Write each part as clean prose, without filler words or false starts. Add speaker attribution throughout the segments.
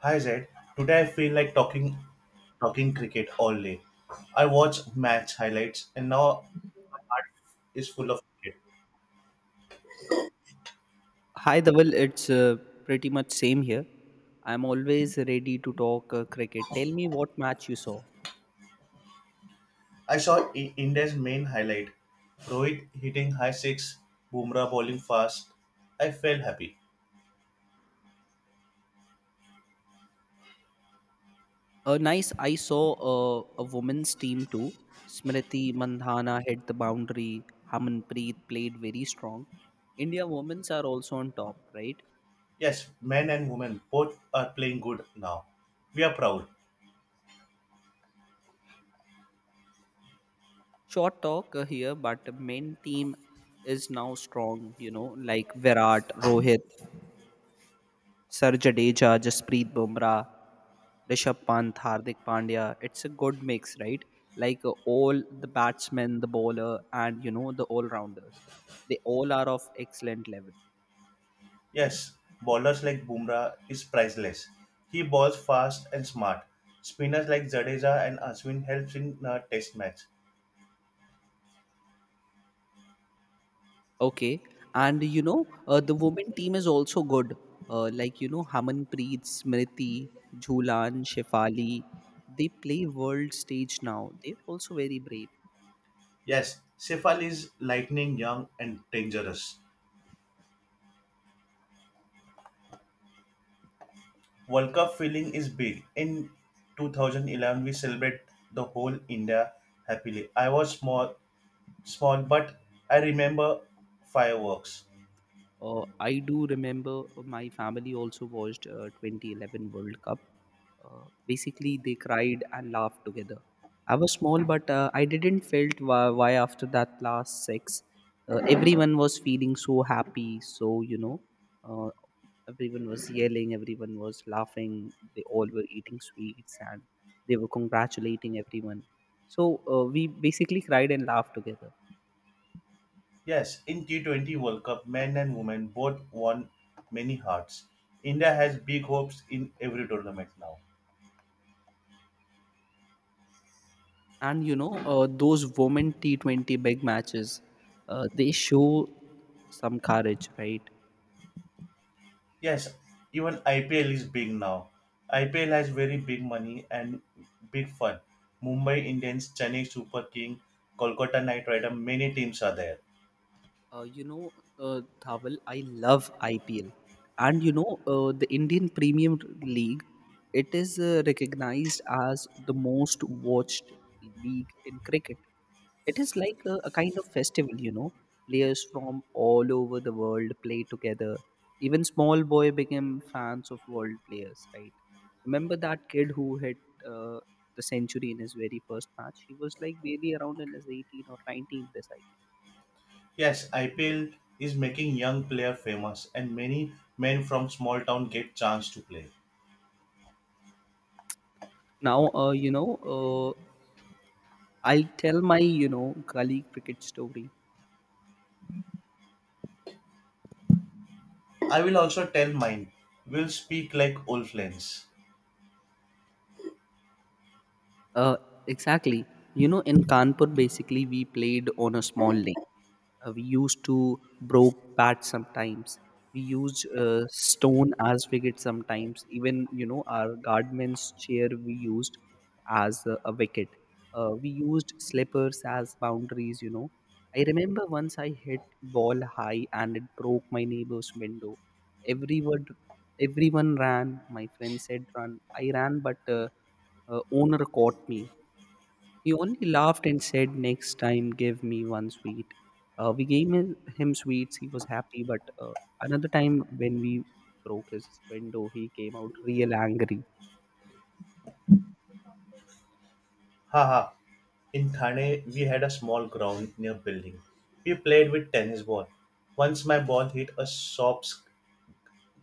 Speaker 1: Hi Zed. Today I feel like talking cricket all day. I watch match highlights and now heart is full of cricket.
Speaker 2: Hi, Dhaval. It's pretty much same here. I'm always ready to talk cricket. Tell me what match you saw.
Speaker 1: I saw India's main highlight, Rohit hitting high six, Bumrah bowling fast. I felt happy.
Speaker 2: Nice. I saw a women's team too. Smriti Mandhana hit the boundary. Harmanpreet played very strong. India women's are also on top, right?
Speaker 1: Yes, men and women both are playing good now. We are proud.
Speaker 2: Short talk here, but men team is now strong. You know, like Virat, Rohit, Sir Jadeja, Jasprit Bumrah, Rishabh Pant, Hardik Pandya. It's a good mix, right? Like all the batsmen, the bowler, and you know the all-rounders. They all are of excellent level.
Speaker 1: Yes, bowlers like Bumrah is priceless. He bowls fast and smart. Spinners like Jadeja and Ashwin helps in a test match.
Speaker 2: Okay, and the women team is also good. Like you know Hamanpreet, Smriti, Jhulan, Shefali. They play world stage now. They're also very brave.
Speaker 1: Yes, Cephal is lightning young and dangerous. World Cup feeling is big. In 2011, we celebrate the whole India happily. I was small, but I remember fireworks.
Speaker 2: I do remember my family also watched 2011 World Cup. Basically, they cried and laughed together. I was small, but I didn't felt why after that last six, everyone was feeling so happy. So you know, uh, everyone was yelling, everyone was laughing. They all were eating sweets and they were congratulating everyone. So we basically cried and laughed together.
Speaker 1: Yes, in T20 World Cup, men and women both won many hearts. India has big hopes in every tournament now.
Speaker 2: And you know those women T20 big matches, they show some courage, right?
Speaker 1: Yes, even IPL is big now. IPL has very big money and big fun. Mumbai Indians, Chennai Super King, Kolkata Knight Rider, many teams are there.
Speaker 2: You know, Thawal, I love IPL. And you know, the Indian Premier League, it is recognized as the most watched league in cricket. It is like a kind of festival, you know. Players from all over the world play together. Even small boy became fans of world players, right? Remember that kid who hit uh, the century in his very first match? He was like barely around in his 18 or 19 this.
Speaker 1: Yes, IPL is making young player famous and many men from small town get chance to play.
Speaker 2: Now, I tell my, you know, gully cricket story.
Speaker 1: I will also tell mine. We'll speak like old friends.
Speaker 2: Uh, exactly. You know, in Kanpur, basically, we played on a small lane. We used to broke bat sometimes. We used stone as wicket sometimes. Even you know, our guardman's chair we used as a wicket. We used slippers as boundaries. You know, I remember once I hit ball high and it broke my neighbor's window. Everyone, everyone ran. My friend said run. I ran, but owner caught me, he only laughed and said, next time, give me one sweet. We gave him sweets. He was happy. But another time, when we broke his window, he came out real angry.
Speaker 1: Haha. In Thane, we had a small ground near building. We played with tennis ball. Once my ball hit a soft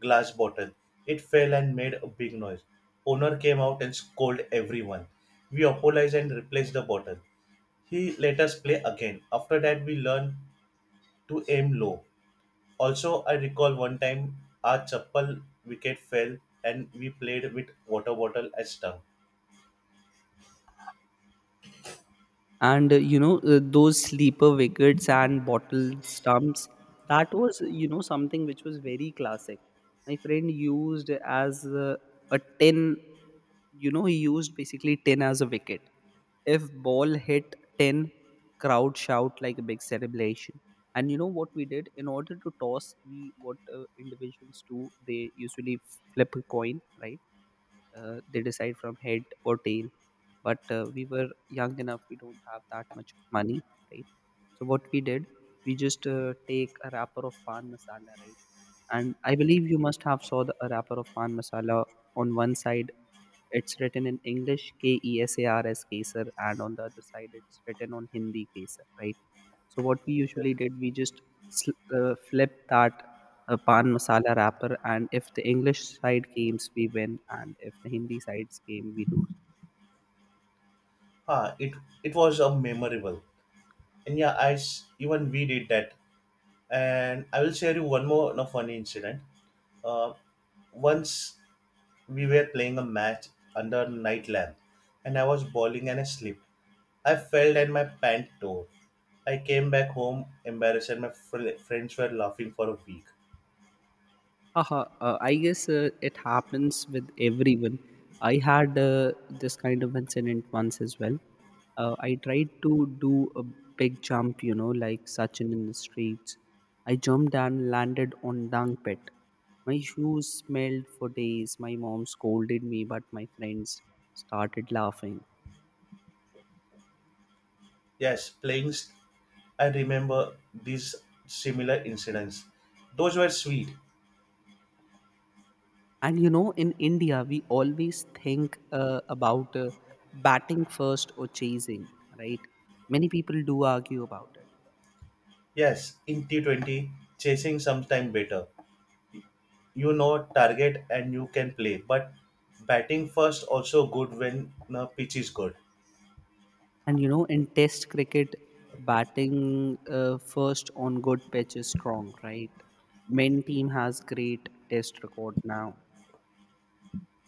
Speaker 1: glass bottle. It fell and made a big noise. Owner came out and scolded everyone. We apologized and replaced the bottle. He let us play again. After that, we learned to aim low. Also, I recall one time our chappal wicket fell and we played with water bottle as tongue.
Speaker 2: And those sleeper wickets and bottle stumps, that was you know something which was very classic. My friend used as a tin, you know, he used basically tin as a wicket. If ball hit 10, crowd shout like a big celebration. And you know what we did in order to toss, we, what individuals do, they usually flip a coin, right? They decide from head or tail. But we were young enough, we don't have that much money, right? So what we did, we just take a wrapper of pan masala, right? And I believe you must have saw the a wrapper of pan masala. On one side, it's written in English KESARS Kesar, and on the other side, it's written on Hindi Kesar, right? So what we usually did, we just flip that pan masala wrapper, and if the English side games, we win, and if the Hindi sides game, we lose.
Speaker 1: Ah, it was a memorable. And yeah, even we did that. And I will share you one more no, funny incident. Uh, once we were playing a match under night lamp, and I was bowling and I slipped. I fell and my pant tore. I came back home embarrassed, and my friends were laughing for a week.
Speaker 2: Haha, I guess it happens with everyone. I had this kind of incident once as well. I tried to do a big jump, you know, like Sachin in the streets. I jumped and landed on dung pit. My shoes smelled for days. My mom scolded me, but my friends started laughing.
Speaker 1: Yes, I remember these similar incidents. Those were sweet.
Speaker 2: And you know, in India, we always think about batting first or chasing, right? Many people do argue about it.
Speaker 1: Yes, in T20, chasing sometime better. You know target and you can play, but batting first also good when the pitch is good.
Speaker 2: And you know, in Test cricket, batting first on good pitch is strong, right? Men team has great Test record now.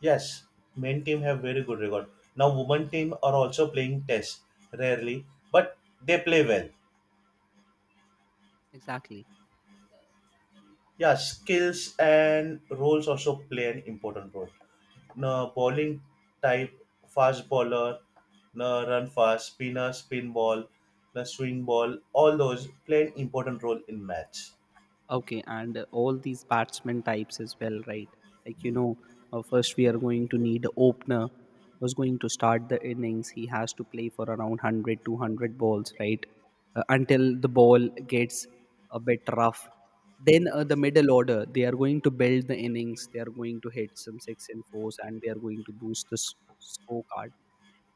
Speaker 1: Yes, men team have very good record. Now women team are also playing test rarely, but they play well.
Speaker 2: Exactly.
Speaker 1: Yeah, skills and roles also play an important role. Now, bowling type, fast bowler, now run fast, spinner, spin ball, no swing ball, all those play an important role in match.
Speaker 2: Okay, and all these batsman types as well, right? Like you know, first we are going to need a opener who's going to start the innings. He has to play for around 100, 200 balls, right? Until the ball gets a bit rough. Then the middle order, they are going to build the innings. They are going to hit some six and fours, and they are going to boost the scorecard,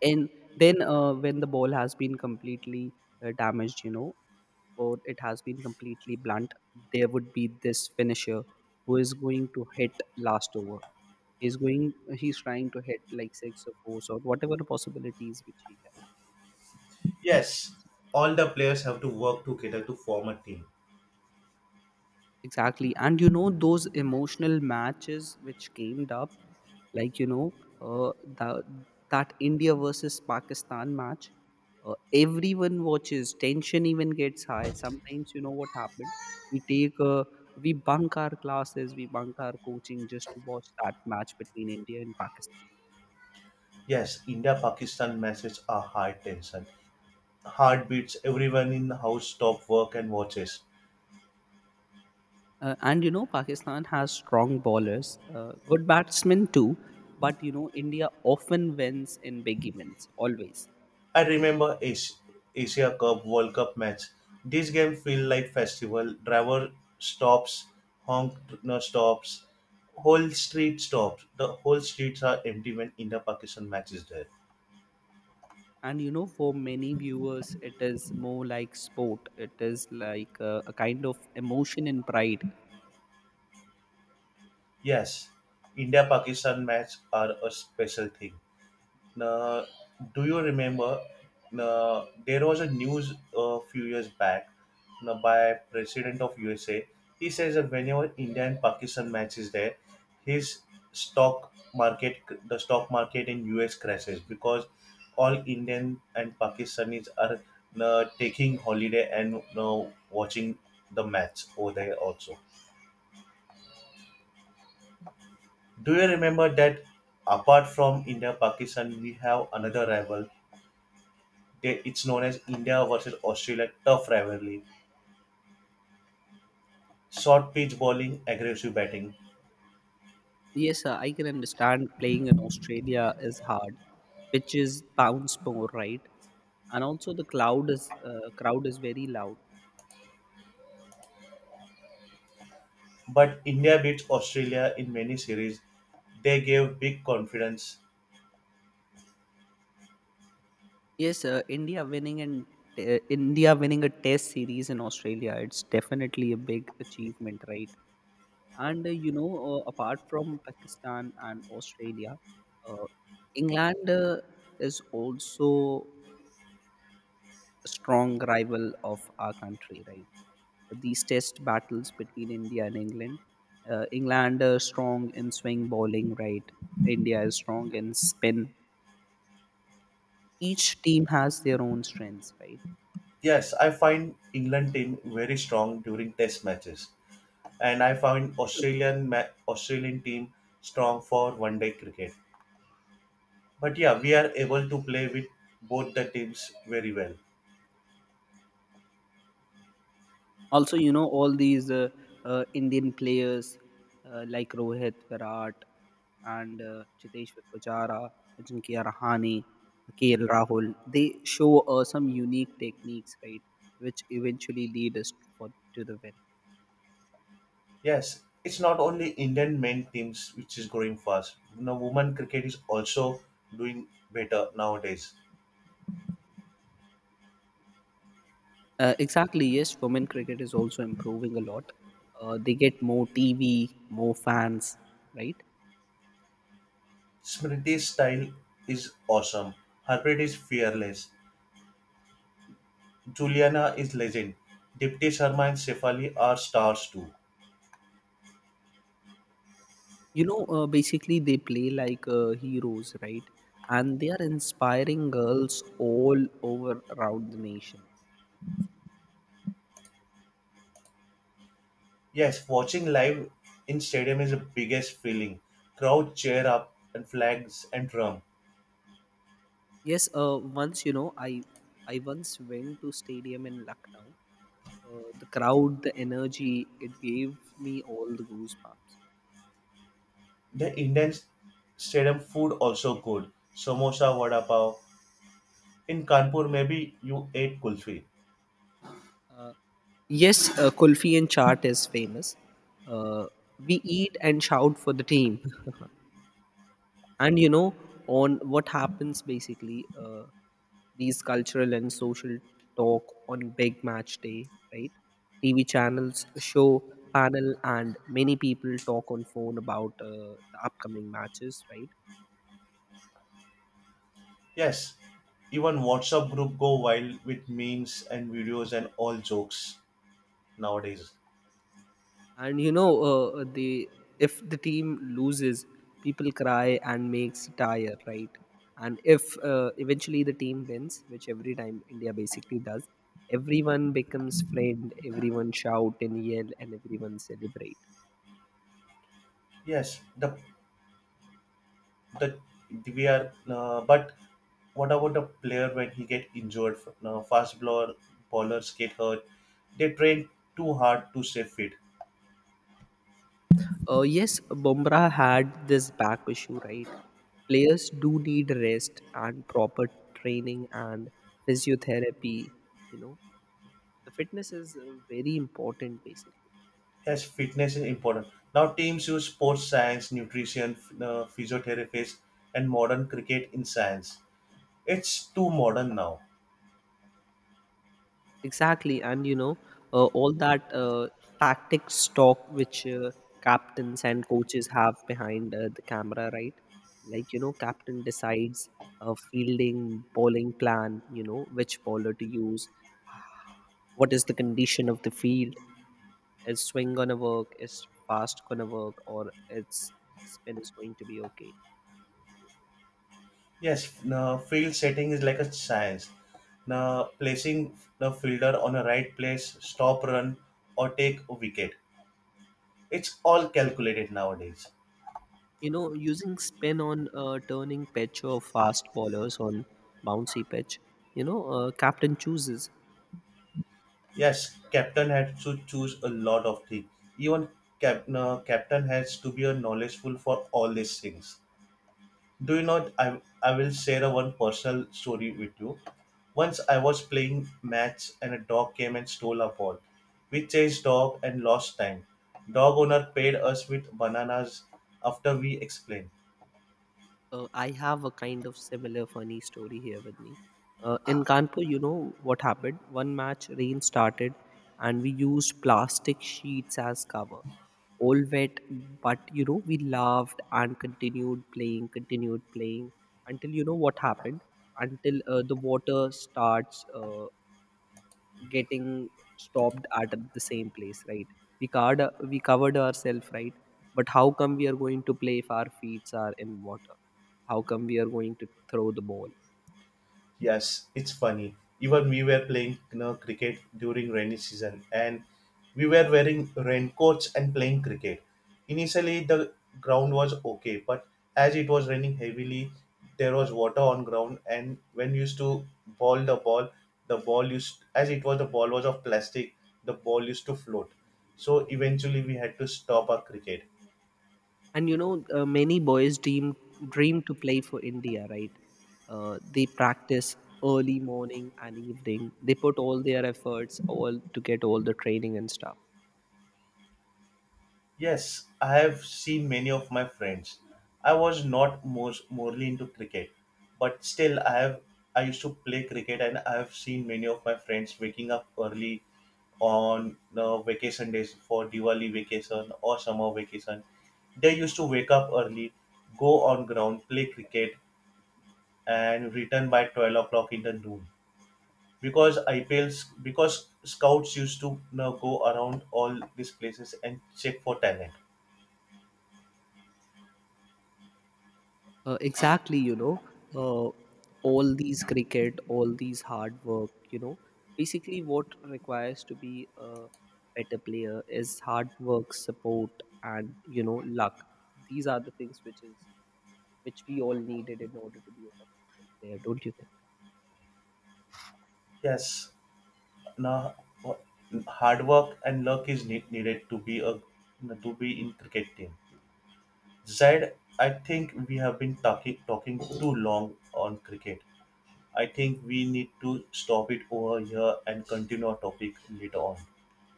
Speaker 2: and then when the ball has been completely damaged, you know, or it has been completely blunt, there would be this finisher who is going to hit last over. He's trying to hit like six or four or whatever the possibilities which he can.
Speaker 1: Yes, all the players have to work together to form a team.
Speaker 2: Exactly. And you know, those emotional matches which came up, like, you know, uh, the, that India versus Pakistan match, everyone watches, tension even gets high. Sometimes, you know what happened? We take, we bunk our classes, we bunk our coaching just to watch that match between India and Pakistan.
Speaker 1: Yes, India Pakistan matches are high tension. Heartbeats. Everyone in the house stops work and watches.
Speaker 2: And you know, Pakistan has strong bowlers, good batsmen too, but you know, India often wins in big events, always.
Speaker 1: I remember Asia Cup World Cup match. This game feel like festival. Driver stops, honk no stops, whole street stops. The whole streets are empty when India Pakistan match is there.
Speaker 2: And you know, for many viewers it is more like sport, it is like a kind of emotion and pride.
Speaker 1: Yes, India Pakistan match are a special thing. Now, do you remember? Now, there was a news a few years back now, by President of USA. He says that whenever India and Pakistan match is there, his stock market, the stock market in US crashes because all Indian and Pakistanis are now, taking holiday and now watching the match over there also. Do you remember that apart from India Pakistan, we have another rival. It's known as India versus Australia tough rivalry. Short pitch bowling, aggressive batting.
Speaker 2: Yes sir, I can understand playing in Australia is hard. Pitches bounce more, right? And also the cloud is, crowd is very loud.
Speaker 1: But India beats Australia in many series. They gave big confidence.
Speaker 2: Yes sir, India winning a test series in Australia, it's definitely a big achievement, right? And you know, apart from Pakistan and Australia, uh, England is also a strong rival of our country, right? These test battles between India and England. England is strong in swing bowling, right? India is strong in spin. Each team has their own strengths, right?
Speaker 1: Yes, I find England team very strong during test matches. And I find Australian team strong for one day cricket. But yeah, we are able to play with both the teams very well.
Speaker 2: Also, you know, all these Indian players, like Rohit, Virat, and Chiteshwar Pujara, Ajinkya Rahane, KL Rahul, they show some unique techniques, right, which eventually lead us for, to the win.
Speaker 1: Yes, it's not only Indian men teams which is growing fast. You know, women cricket is also doing better nowadays.
Speaker 2: Uh, exactly, yes, women cricket is also improving a lot. They get more TV, more fans, right?
Speaker 1: Smriti's style is awesome. Harpreet is fearless. Juliana is legend. Dipti Sharma and Sefali are stars too.
Speaker 2: You know, basically they play like heroes, right? And they are inspiring girls all over around the nation.
Speaker 1: Yes, watching live in stadium is the biggest feeling. Crowd cheer up and flags and drum.
Speaker 2: Yes, once you know, I once went to stadium in Lucknow. The crowd, the energy, it gave me all the goosebumps.
Speaker 1: The Indian stadium food also good. Samosa, vada pav. In Kanpur, maybe you ate kulfi.
Speaker 2: Uh, yes, kulfi and chaat is famous. Uh, we eat and shout for the team. And you know, on what happens basically, these cultural and social talk on big match day, right? TV channels show panel, and many people talk on phone about the upcoming matches, right?
Speaker 1: Yes, even WhatsApp group go wild with memes and videos and all jokes nowadays.
Speaker 2: And you know, the if the team loses, people cry and makes satire, right? And if eventually the team wins, which every time India basically does, everyone becomes friend, everyone shout and yell, and everyone celebrate.
Speaker 1: Yes, the we are. But what about the player when he get injured? Fast bowlers get hurt. They train too hard to stay fit.
Speaker 2: Yes, Bumrah had this back issue, right? Players do need rest and proper training and physiotherapy. You know, the fitness is very important, basically.
Speaker 1: Yes, fitness is important. Now teams use sports science, nutrition, physiotherapists, and modern cricket in science. It's too modern now.
Speaker 2: Exactly, and you know, all that tactics talk which captains and coaches have behind the camera, right? Like you know, captain decides a fielding, bowling plan. You know, which bowler to use. What is the condition of the field? Is swing gonna work? Is fast gonna work? Or its spin is going to be okay?
Speaker 1: Yes, now field setting is like a science. Now placing the fielder on a right place, stop run, or take a wicket. It's all calculated nowadays.
Speaker 2: You know, using spin on turning pitch or fast bowlers on bouncy pitch, you know, captain chooses.
Speaker 1: Yes, captain had to choose a lot of things. Even now, captain has to be a knowledgeful for all these things. Do you know? I will share a one personal story with you. Once I was playing match and a dog came and stole a ball. We chased dog and lost time. Dog owner paid us with bananas after we explained.
Speaker 2: I have a kind of similar funny story here with me. In Kanpur, you know what happened? One match, rain started, and we used plastic sheets as cover. All wet, but you know, we laughed and continued playing until you know what happened? Until the water starts. Getting stopped at the same place, right? We card, we covered ourselves, right? But how come we are going to play if our feet are in water? How come we are going to throw the ball?
Speaker 1: Yes, it's funny. Even we were playing you know, cricket during rainy season and we were wearing raincoats and playing cricket. Initially the ground was okay, but as it was raining heavily, there was water on ground and when we used to ball the ball, the ball used as it was the ball was of plastic, the ball used to float. So eventually we had to stop our cricket.
Speaker 2: And you know, many boys dream to play for India, right? They practice early morning and evening, they put all their efforts all to get all the training and stuff.
Speaker 1: Yes, I have seen many of my friends. I was not most morely into cricket, but still I used to play cricket and I have seen many of my friends waking up early on vacation days for Diwali vacation or summer vacation. They used to wake up early, go on ground, play cricket and return by 12 o'clock in the noon. Because IPLs because scouts used to you know, go around all these places and check for talent.
Speaker 2: Exactly, you know, uh, all these cricket, all these hard work, you know, basically what requires to be a better player is hard work, support, and you know, luck. These are the things which we all needed in order to be a successful player, don't you think?
Speaker 1: Yes, now, hard work and luck is needed to be a to be in cricket team. Zaid, I think we have been talking too long on cricket. I think we need to stop it over here and continue our topic later on.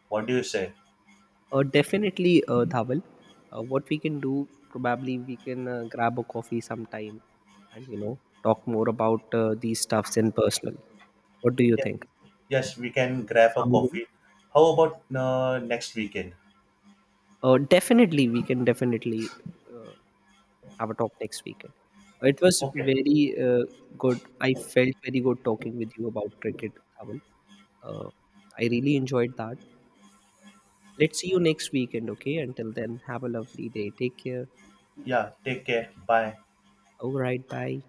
Speaker 1: What do you say?
Speaker 2: Definitely, Dhawal. What we can do, probably we can grab a coffee sometime, and you know, talk more about these stuffs in personal. What do you
Speaker 1: Yeah.
Speaker 2: think?
Speaker 1: Yes, we can grab a
Speaker 2: Sound good?
Speaker 1: coffee. How about next weekend?
Speaker 2: Definitely, we can definitely uh, have a talk next weekend. It was
Speaker 1: Okay.
Speaker 2: very good. I felt very good talking with you about cricket, Dhaval. Uh, I really enjoyed that. Let's see you next weekend, okay? Until then, have a lovely day. Take care.
Speaker 1: Yeah. Take care. Bye.
Speaker 2: All right, bye.